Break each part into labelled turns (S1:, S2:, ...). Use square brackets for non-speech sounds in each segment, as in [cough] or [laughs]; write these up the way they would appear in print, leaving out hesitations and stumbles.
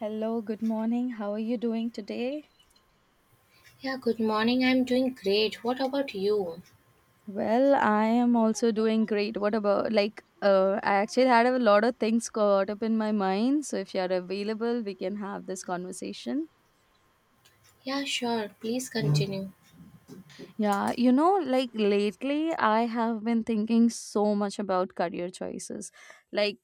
S1: Hello, good morning. How are you doing today?
S2: Yeah, good morning. I'm doing great. What about you?
S1: Well, I am also doing great. What about like I actually had a lot of things caught up in my mind, so if you're available, we can have this conversation.
S2: Yeah, sure. Please continue.
S1: Yeah, you know, like lately I have been thinking so much about career choices. Like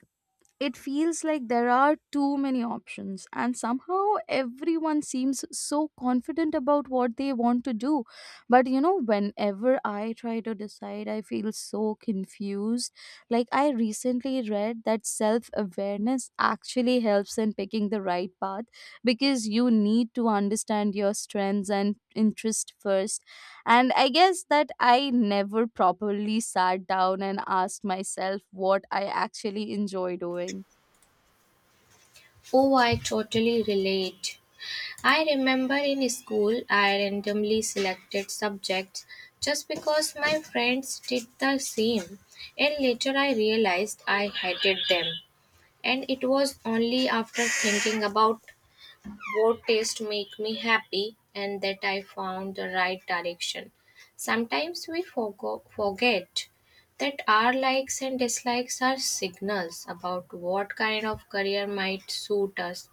S1: it feels like there are too many options and somehow everyone seems so confident about what they want to do, but you know whenever I try to decide I feel so confused. Like I recently read that self awareness actually helps in picking the right path, because you need to understand your strengths and interest first, and I guess that I never properly sat down and asked myself what I actually enjoy doing.
S2: Oh, I totally relate. I remember in school, I randomly selected subjects just because my friends did the same. And later I realized I hated them. And it was only after thinking about what tastes make me happy and that I found the right direction. Sometimes we forget that our likes and dislikes are signals about what kind of career might suit us.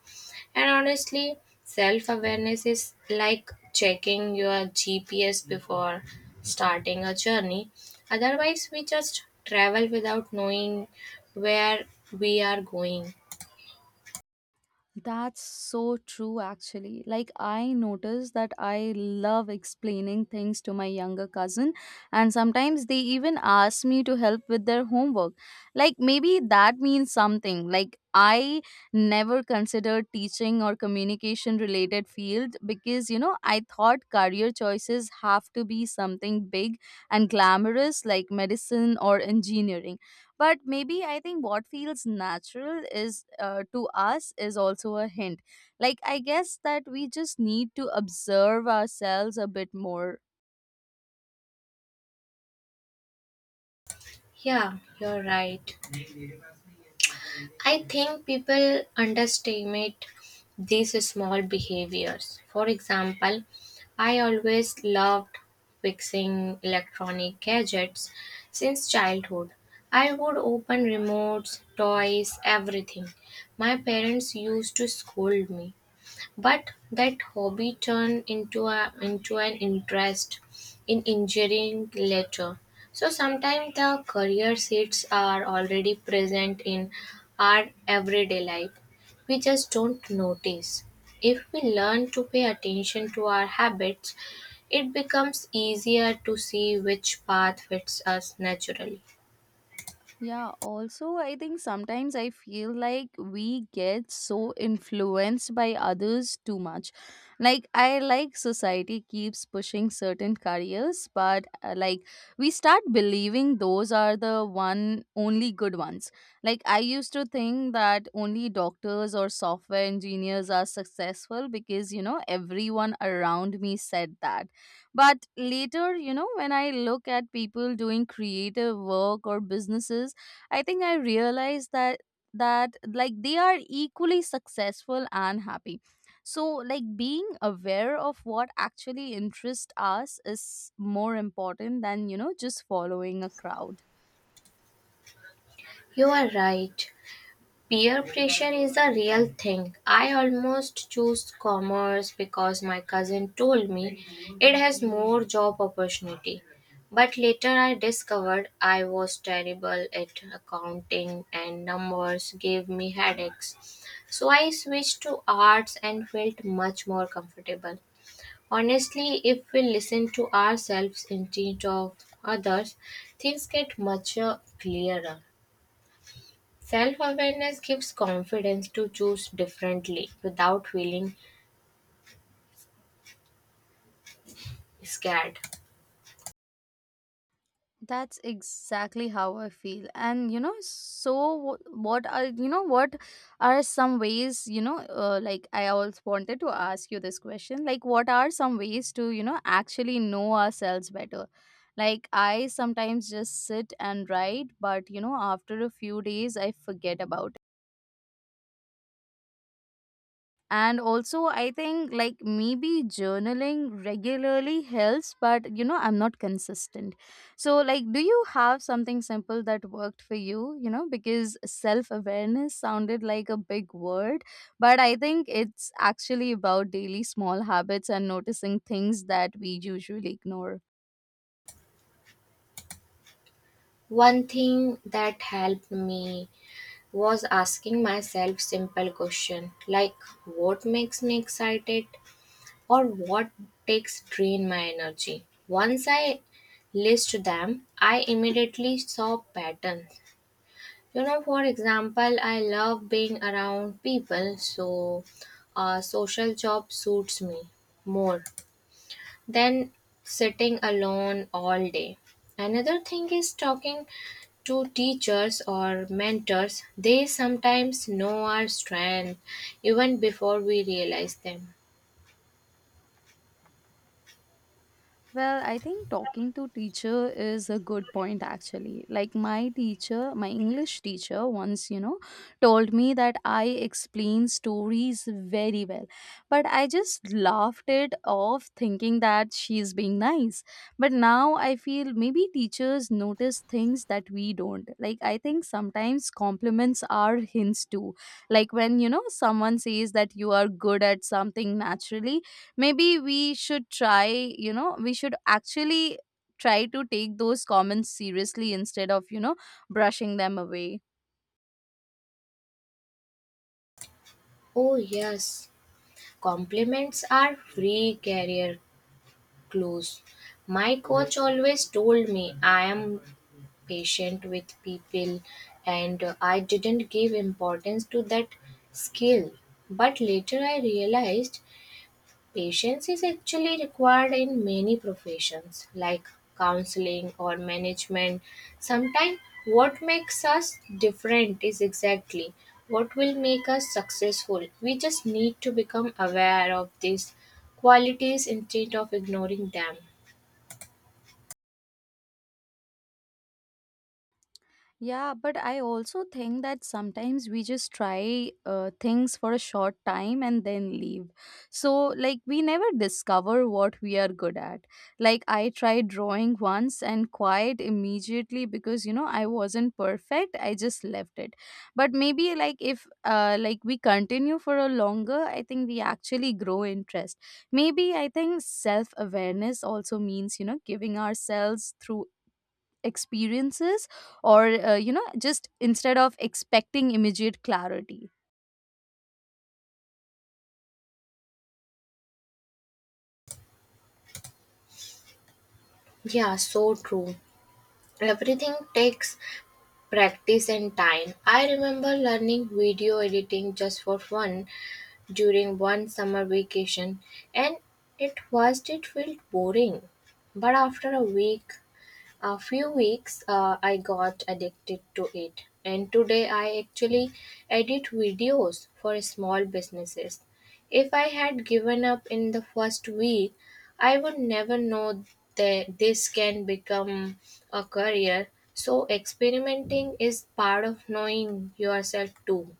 S2: And honestly, self awareness is like checking your GPS before starting a journey. Otherwise, we just travel without knowing where we are going.
S1: That's so true, actually. Like, I notice that I love explaining things to my younger cousin, and sometimes they even ask me to help with their homework. Like, maybe that means something. Like, I never considered teaching or communication related field because, you know, I thought career choices have to be something big and glamorous like medicine or engineering. But maybe I think what feels natural is to us is also a hint. Like I guess that we just need to observe ourselves a bit more.
S2: Yeah, you're right. I think people underestimate these small behaviors. For example, I always loved fixing electronic gadgets since childhood. I would open remotes, toys, everything. My parents used to scold me, but that hobby turned into an interest in engineering later. So sometimes the career seeds are already present in our everyday life. We just don't notice. If we learn to pay attention to our habits, it becomes easier to see which path fits us naturally.
S1: Yeah, also, I think sometimes I feel like we get so influenced by others too much. Like, I like society keeps pushing certain careers, but like we start believing those are the one only good ones. Like, I used to think that only doctors or software engineers are successful because you know everyone around me said that. But later, you know, when I look at people doing creative work or businesses, I think I realized that like they are equally successful and happy. So like being aware of what actually interests us is more important than you know just following a crowd.
S2: You are right. Peer pressure is a real thing. I almost chose commerce because my cousin told me it has more job opportunity. But later I discovered I was terrible at accounting, and numbers gave me headaches. So I switched to arts and felt much more comfortable. Honestly, if we listen to ourselves instead of others, things get much clearer. Self-awareness gives confidence to choose differently without feeling scared.
S1: That's exactly how I feel. And you know, so what are you know what are some ways you know like I always wanted to ask you this question. Like, what are some ways to you know actually know ourselves better? Like, I sometimes just sit and write, but you know, after a few days, I forget about it. And also I think like maybe journaling regularly helps, but you know I'm not consistent. So like do you have something simple that worked for you, you know, because self awareness sounded like a big word, but I think it's actually about daily small habits and noticing things that we usually ignore.
S2: One thing that helped me was asking myself simple questions like what makes me excited or what takes drain my energy. Once I list them, I immediately saw patterns. You know, for example, I love being around people, so a social job suits me more than sitting alone all day. Another thing is talking to teachers or mentors. They sometimes know our strength even before we realize them.
S1: Well, I think talking to teacher is a good point actually. Like my teacher, my English teacher once, you know, told me that I explain stories very well. But I just laughed it off thinking that she's being nice. But now I feel maybe teachers notice things that we don't. Like I think sometimes compliments are hints too. Like when, you know, someone says that you are good at something naturally, maybe we should try, you know, we should actually try to take those comments seriously instead of you know brushing them away.
S2: Oh, yes, compliments are free career clues. My coach always told me I am patient with people, and I didn't give importance to that skill. But later I realized patience is actually required in many professions like counseling or management. Sometimes, what makes us different is exactly what will make us successful. We just need to become aware of these qualities instead of ignoring them.
S1: Yeah, but I also think that sometimes we just try things for a short time and then leave. So, like, we never discover what we are good at. Like, I tried drawing once and quite immediately because, you know, I wasn't perfect. I just left it. But maybe, like, if, like, we continue for a longer, I think we actually grow interest. Maybe I think self awareness also means, you know, giving ourselves through experiences or you know just instead of expecting immediate clarity.
S2: Yeah, so true. Everything takes practice and time. I remember learning video editing just for fun during one summer vacation, and at first it felt boring, but after a few weeks I got addicted to it, and today I actually edit videos for small businesses. If I had given up in the first week, I would never know that this can become a career. So experimenting is part of knowing yourself too.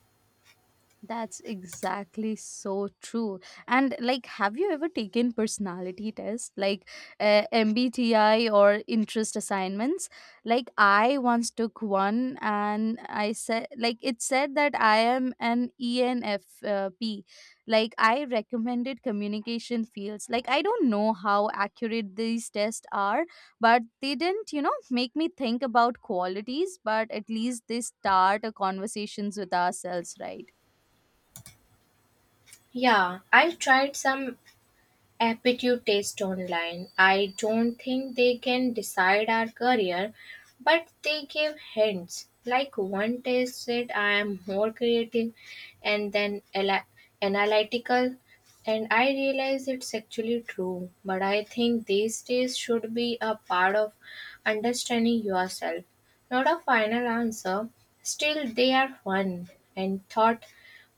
S1: That's exactly so true. And like, have you ever taken personality tests like MBTI or interest assignments? Like, I once took one, and I said, like, it said that I am an ENFP. Like, I recommended communication fields. Like, I don't know how accurate these tests are, but they didn't, you know, make me think about qualities. But at least they start a conversations with ourselves, right?
S2: Yeah, I tried some aptitude test online. I don't think they can decide our career, but they give hints. Like one test said, I am more creative and then analytical, and I realize it's actually true. But I think these tests should be a part of understanding yourself, not a final answer. Still, they are fun and thought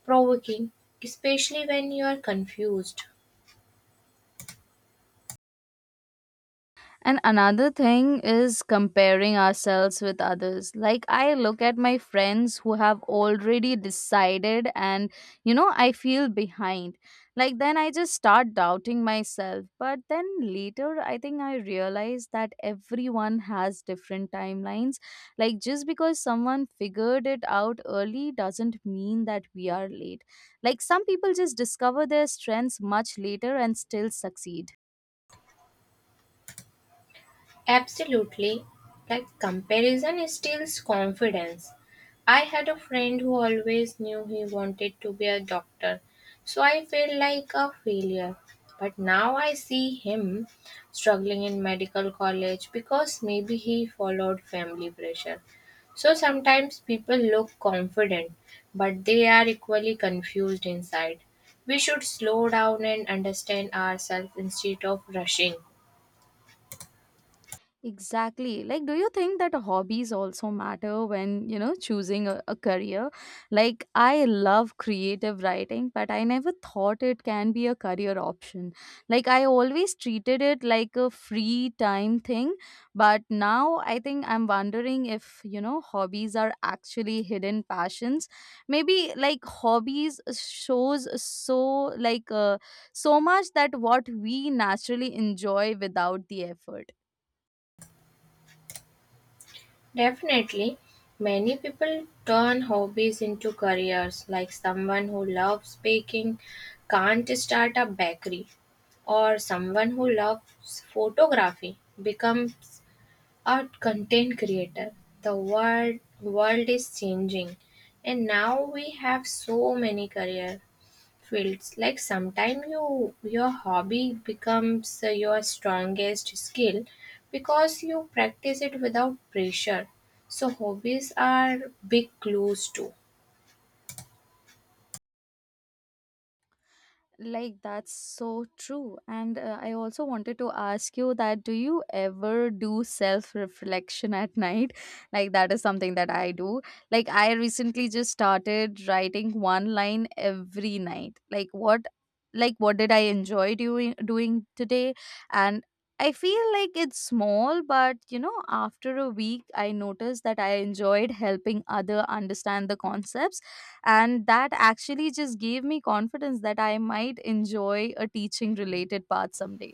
S2: provoking, especially when you are confused.
S1: And another thing is comparing ourselves with others. Like, I look at my friends who have already decided, and you know, I feel behind. Like, then I just start doubting myself. But then later, I think I realize that everyone has different timelines. Like, just because someone figured it out early doesn't mean that we are late. Like, some people just discover their strengths much later and still succeed.
S2: Absolutely. Like comparison steals confidence. I had a friend who always knew he wanted to be a doctor, so I felt like a failure. But now I see him struggling in medical college because maybe he followed family pressure. So sometimes people look confident, but they are equally confused inside. We should slow down and understand ourselves instead of rushing.
S1: Exactly. Like, do you think that hobbies also matter when, you know, choosing a career? Like, I love creative writing, but I never thought it can be a career option. Like, I always treated it like a free time thing, but now I think I'm wondering if, you know, hobbies are actually hidden passions. Maybe like hobbies shows so like so much that what we naturally enjoy without the effort.
S2: Definitely, many people turn hobbies into careers, like someone who loves baking can't start a bakery, or someone who loves photography becomes art content creator. The world is changing, and now we have so many career fields. Like sometimes you your hobby becomes your strongest skill because you practice it without pressure. So hobbies are big clues too.
S1: Like that's so true. And I also wanted to ask you that do you ever do self reflection at night? [laughs] Like that is something that I do. Like I recently just started writing one line every night. Like what did I enjoy doing today? And I feel like it's small, but you know, after a week, I noticed that I enjoyed helping other understand the concepts, and that actually just gave me confidence that I might enjoy a teaching related path someday.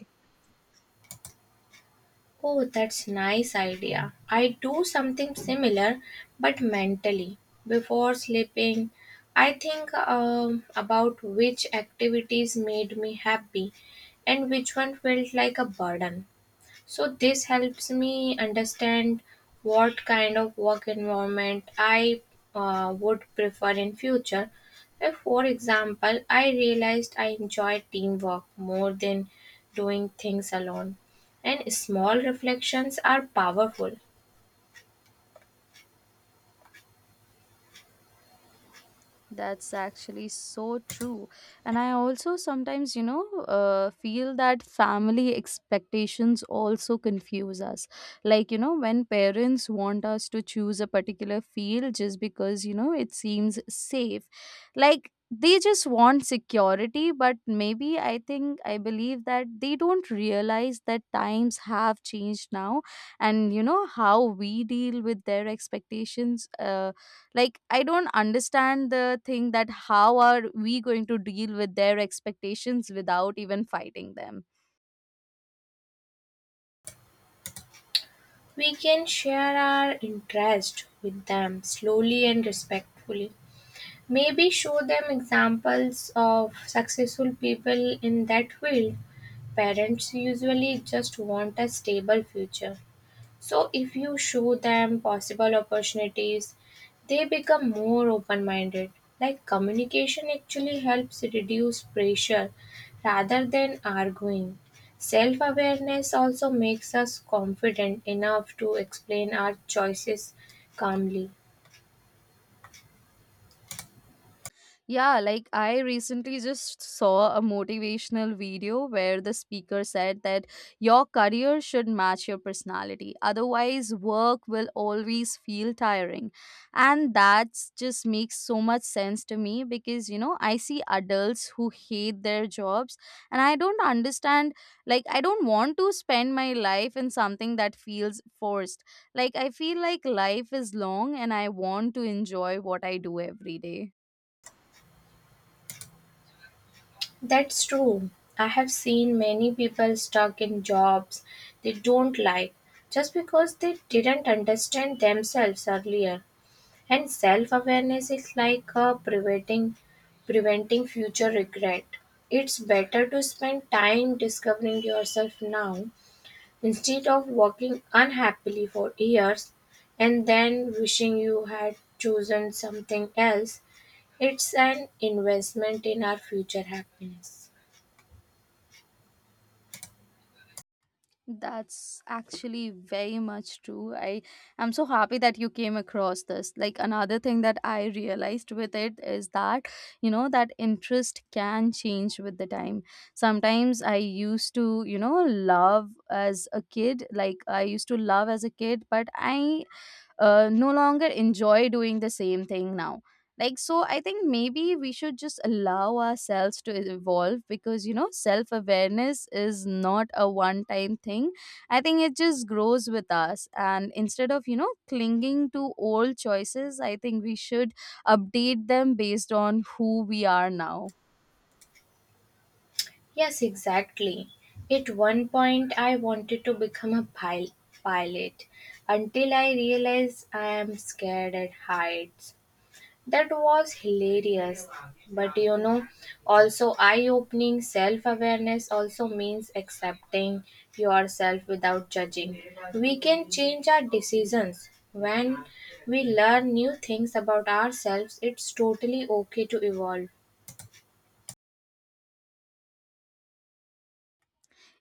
S2: Oh, that's nice idea. I do something similar, but mentally. Before sleeping, I think about which activities made me happy and which one felt like a burden. So this helps me understand what kind of work environment I would prefer in future. If, for example, I realized I enjoy teamwork more than doing things alone, and small reflections are powerful.
S1: That's actually so true. And I also sometimes, you know, feel that family expectations also confuse us. Like, you know, when parents want us to choose a particular field just because, you know, it seems safe, like they just want security, but maybe I think I believe that they don't realize that times have changed now, and, you know, how we deal with their expectations. Like I don't understand the thing that how are we going to deal with their expectations without even fighting them.
S2: We can share our interest with them slowly and respectfully. Maybe show them examples of successful people in that field. Parents usually just want a stable future. So, if you show them possible opportunities, they become more open minded. Like, communication actually helps reduce pressure rather than arguing. Self awareness also makes us confident enough to explain our choices calmly.
S1: Yeah, like I recently just saw a motivational video where the speaker said that your career should match your personality. Otherwise, work will always feel tiring. And that just makes so much sense to me because, you know, I see adults who hate their jobs and I don't understand. Like, I don't want to spend my life in something that feels forced. Like, I feel like life is long and I want to enjoy what I do every day.
S2: That's true. I have seen many people stuck in jobs they don't like just because they didn't understand themselves earlier. And self-awareness is like preventing future regret. It's better to spend time discovering yourself now instead of walking unhappily for years and then wishing you had chosen something else. It's an investment in our future happiness.
S1: That's actually very much true. I am so happy that you came across this. Like another thing that I realized with it is that, you know, that interest can change with the time. Sometimes I used to, you know, love as a kid, like I used to love as a kid, but I no longer enjoy doing the same thing now. Like so I think maybe we should just allow ourselves to evolve, because you know self awareness is not a one time thing. I think it just grows with us, and instead of you know clinging to old choices I think we should update them based on who we are now.
S2: Yes, exactly. At one point, I wanted to become a pilot until I realized I am scared at heights. That was hilarious, but you know, also eye opening. Self awareness also means accepting yourself without judging. We can change our decisions. When we learn new things about ourselves, it's totally okay to evolve.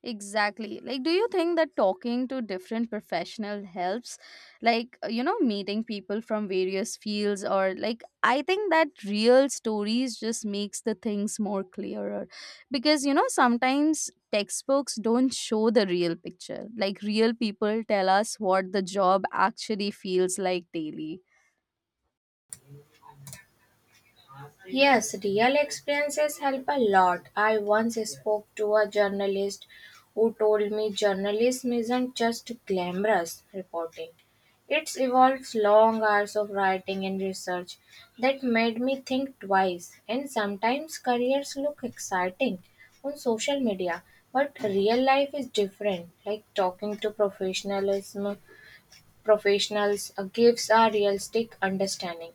S1: Exactly. Like, do you think that talking to different professional helps? Like, you know, meeting people from various fields, or like, I think that real stories just makes the things more clearer because, you know, sometimes textbooks don't show the real picture. Like, real people tell us what the job actually feels like daily.
S2: Yes, real experiences help a lot. I once spoke to a journalist who told me journalism isn't just glamorous reporting. It involves long hours of writing and research that made me think twice. And sometimes careers look exciting on social media, but real life is different. Like talking to professionals gives a realistic understanding.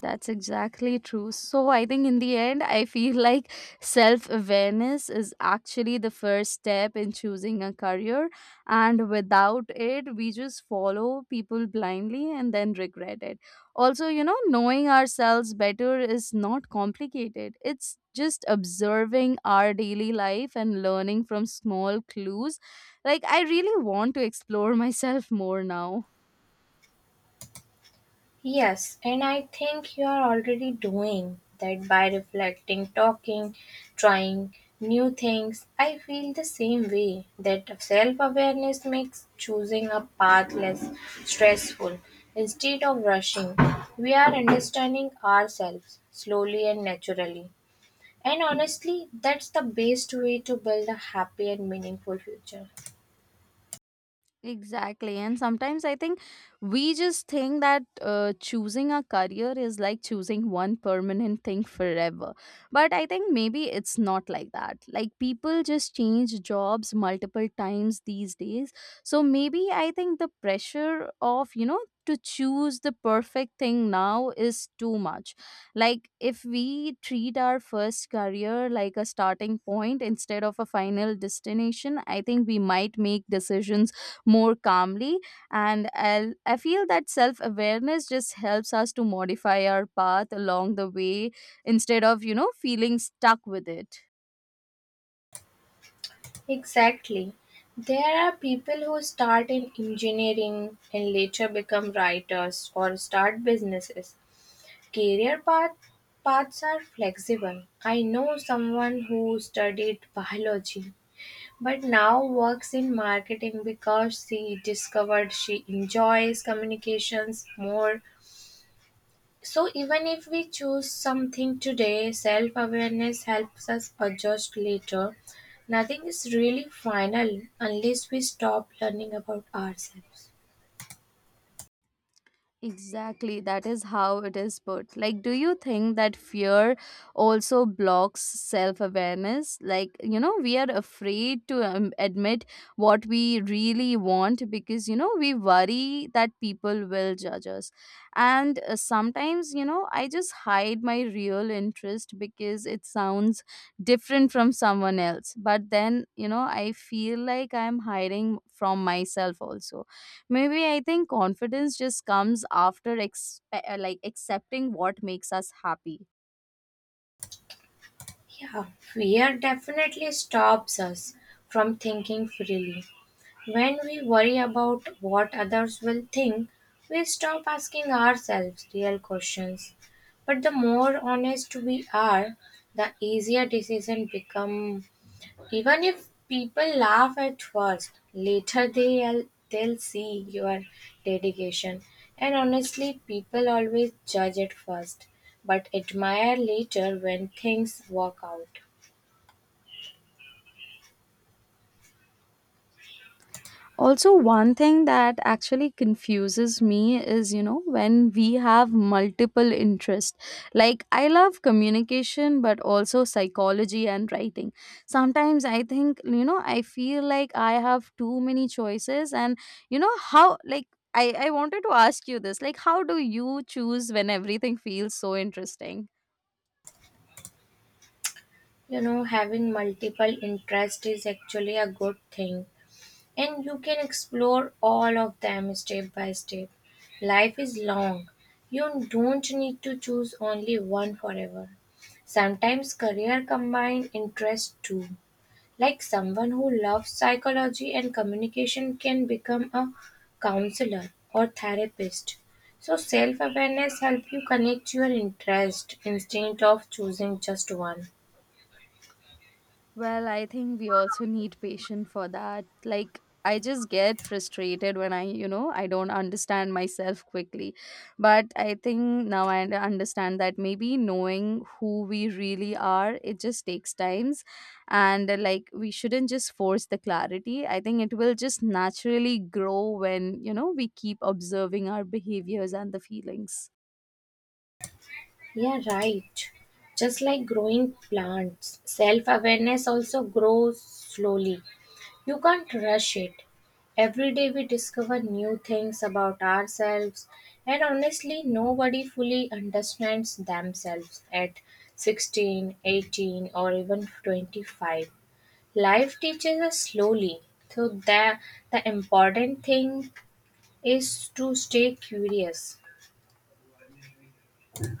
S1: That's exactly true. So, I think in the end, I feel [laughs] like self awareness is actually the first step in choosing a career. And without it, we just follow people blindly and then regret it. Also, you know, knowing ourselves better is not complicated, it's just observing our daily life and learning from small clues. Like, I really want to explore [laughs] myself more now.
S2: Yes, and I think you are already doing that by reflecting, talking, trying new things. I feel the same way that self awareness makes choosing a path less stressful. Instead of rushing, we are understanding ourselves slowly and naturally. And honestly, that's the best way to build a happy and meaningful future.
S1: Exactly. And sometimes I think we just think that choosing a career is like choosing one permanent thing forever. But I think maybe it's not like that. Like people just change jobs multiple times these days. So maybe I think the pressure of, you know, to choose the perfect thing now is too much. Like if we treat our first career like a starting point instead of a final destination, I think we might make decisions more calmly. And I feel that self awareness just helps us to modify our path along the way instead of, you know, feeling stuck with it.
S2: Exactly. There are people who start in engineering and later become writers or start businesses. Career path, paths are flexible. I know someone who studied biology but now works in marketing because she discovered she enjoys communications more. So, even if we choose something today, self awareness helps us adjust later. Nothing is really final unless we stop learning about ourselves.
S1: Exactly, that is how it is put. Like, do you think that fear also blocks self awareness? Like, you know, we are afraid to admit what we really want because, you know, we worry that people will judge us. And sometimes, you know, I just hide my real interest because it sounds different from someone else. But then, you know, I feel like I'm hiding from myself also. Maybe I think confidence just comes after like accepting what makes us happy.
S2: Yeah, fear definitely stops us from thinking freely. When we worry about what others will think, we stop asking ourselves real questions. But the more honest we are, the easier decisions become. Even if people laugh at first, later they'll see your dedication. And honestly, people always judge at first, but admire later when things work out.
S1: Also, one thing that actually confuses me is, you know, when we have multiple interests. Like, I love communication, but also psychology and writing. Sometimes I think, you know, I feel like I have too many choices, and, you know, how, like, I wanted to ask you this, like, how do you choose when everything feels so interesting?
S2: You know, having multiple interests is actually a good thing, and you can explore all of them step by step. Life is long. You don't need to choose only one forever. Sometimes career combine interests too. Like someone who loves psychology and communication can become a counselor or therapist. So self-awareness helps you connect your interest instead of choosing just one.
S1: Well, I think we also need patience for that. Like, I just get frustrated when I, you know, I don't understand myself quickly. But I think now I understand that maybe knowing who we really are, it just takes times. And like, we shouldn't just force the clarity. I think it will just naturally grow when, you know, we keep observing our behaviors and the feelings.
S2: Yeah, right. Just like growing plants, self awareness also grows slowly. You can't rush it. Every day we discover new things about ourselves, and honestly, nobody fully understands themselves at 16, 18, or even 25. Life teaches us slowly, so the important thing is to stay curious.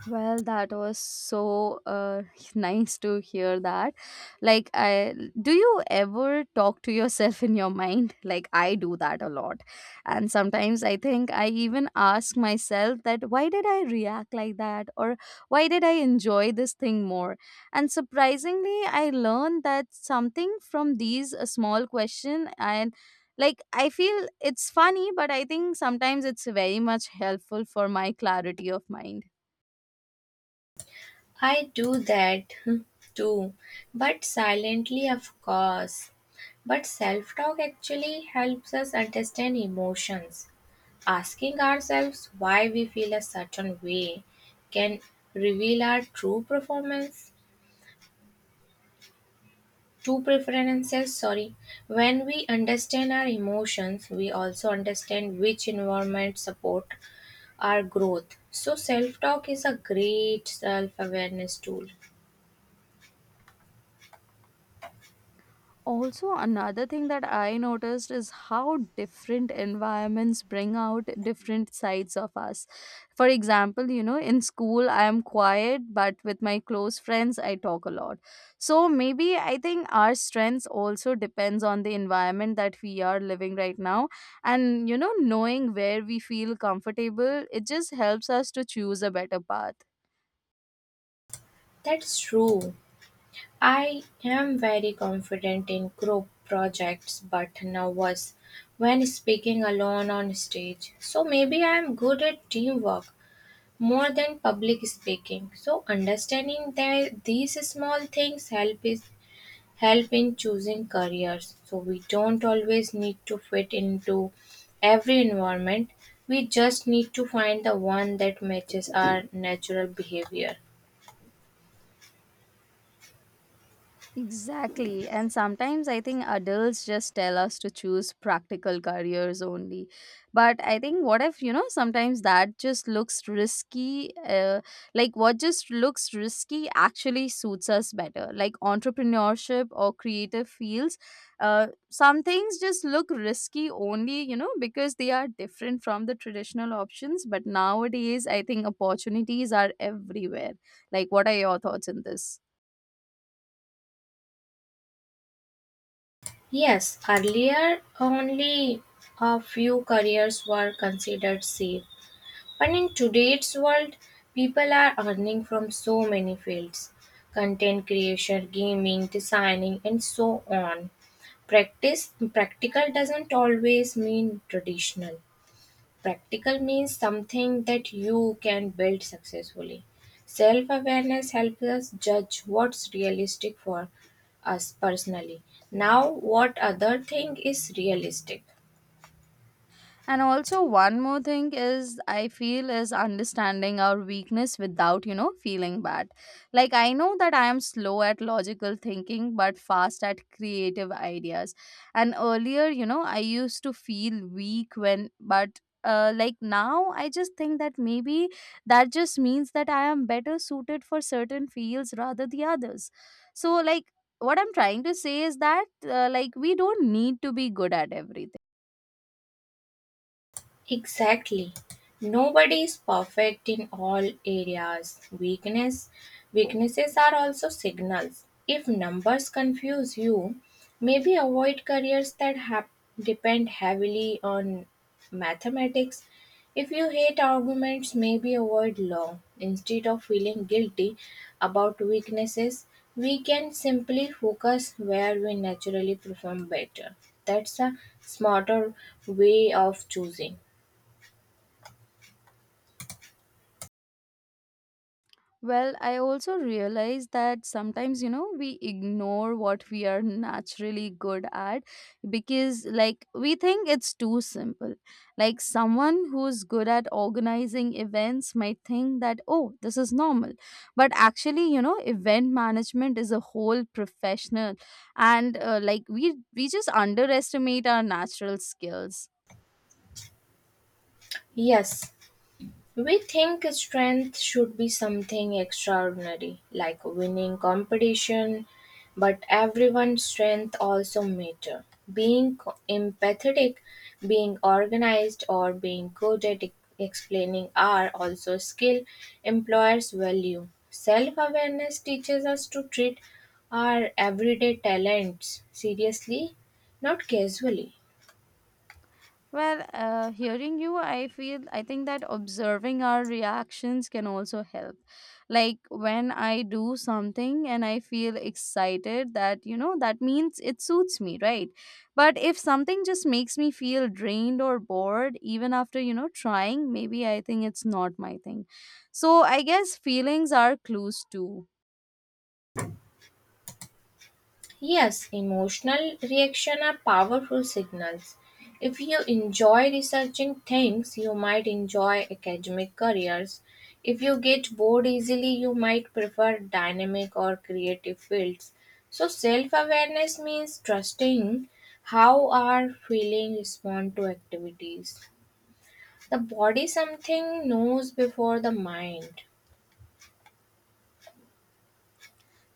S1: Well, that was so [laughs] nice to hear that. Like, I, do you ever talk to yourself in your mind? Like, I do that a lot, and sometimes I think I even ask myself that why did I react like that, or why did I enjoy this thing more? And surprisingly, I learned that something from these a small question and. Like, I feel it's funny, but I think sometimes it's very much helpful for my clarity of mind.
S2: I do that [laughs] too, but silently, of course. But self talk actually helps us understand emotions. Asking ourselves why we feel a certain way can reveal our true preferences, sorry. When we understand our emotions, we also understand which environment support our growth. So self-talk is a great self-awareness tool.
S1: Also, another thing that I noticed is how different environments bring out different sides of us. For example, you know, in school, I am quiet, but with my close friends, I talk a lot. So maybe I think our strengths also depends on the environment that we are living right now. And, you know, knowing where we feel comfortable, it just helps us to choose a better path.
S2: That's true. I am very confident in group projects but nervous when speaking alone on stage. So maybe I am good at teamwork more than public speaking. So understanding that these small things help in choosing careers. So we don't always need to fit into every environment. We just need to find the one that matches our natural behavior.
S1: Exactly. And sometimes I think adults just tell us to choose practical careers only. But I think what if, you know, sometimes that just looks risky. Like what just looks risky actually suits us better. Like entrepreneurship or creative fields. Some things just look risky only, you know, because they are different from the traditional options. But nowadays, I think opportunities are everywhere. Like, what are your thoughts on this?
S2: Yes, earlier only a few careers were considered safe. But in today's world, people are earning from so many fields: content creation, gaming, designing, and so on. Practice Practical doesn't always mean traditional. Practical means something that you can build successfully. Self awareness helps us judge what's realistic for us personally. Now, what other thing is realistic?
S1: And also one more thing is I feel is understanding our weakness without, you know, feeling bad. Like, I know that I am slow at logical thinking but fast at creative ideas. And earlier, you know, I used to feel weak when but like, now I just think that maybe that just means that I am better suited for certain fields rather the others. So, like, what I'm trying to say is that like, we don't need to be good at everything.
S2: Exactly. Nobody is perfect in all areas. Weaknesses are also signals. If numbers confuse you, maybe avoid careers that have depend heavily on mathematics. If you hate arguments, maybe avoid law. Instead of feeling guilty about weaknesses, we can simply focus where we naturally perform better. That's a smarter way of choosing.
S1: Well, I also realize that sometimes, you know, we ignore what we are naturally good at because, like, we think it's too simple. Like, someone who's good at organizing events might think that, oh, this is normal. But actually, you know, event management is a whole professional. And, like, we just underestimate our natural skills.
S2: Yes, we think strength should be something extraordinary, like winning competition, but everyone's strength also matter. Being empathetic, being organized, or being good at explaining are also skill employers value. Self-awareness teaches us to treat our everyday talents seriously, not casually.
S1: Well, hearing you, I feel I think that observing our reactions can also help. Like when I do something and I feel excited, that, you know, that means it suits me, right? But if something just makes me feel drained or bored, even after, you know, trying, maybe I think it's not my thing. So I guess feelings are clues too.
S2: Yes, emotional reaction are powerful signals. If you enjoy researching things, you might enjoy academic careers. If you get bored easily, you might prefer dynamic or creative fields. So, self awareness means trusting how our feelings respond to activities. The body something knows before the mind.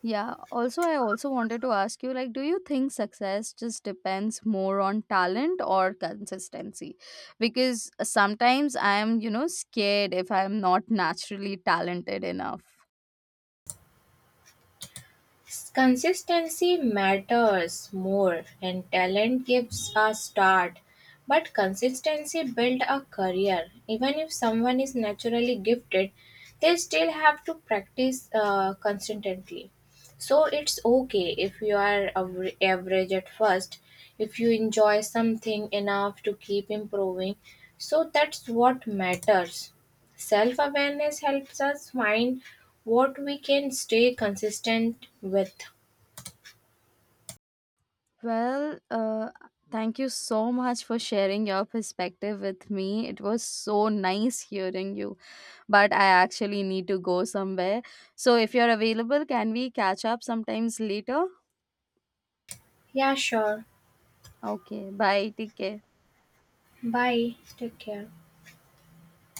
S1: Yeah, also I also wanted to ask you, like, do you think success just depends more on talent or consistency? Because sometimes I am, you know, scared if I am not naturally talented enough.
S2: Consistency matters more and talent gives a start, but consistency builds a career. Even if someone is naturally gifted, they still have to practice consistently. So it's okay if you are average at first, if you enjoy something enough to keep improving. So that's what matters. Self awareness helps us find what we can stay consistent with.
S1: Well, thank you so much for sharing your perspective with me. It was so nice hearing you, but I actually need to go somewhere. So if you're available, can we catch up sometimes later?
S2: Yeah, sure.
S1: Okay, bye. Take care.
S2: Bye. Take care.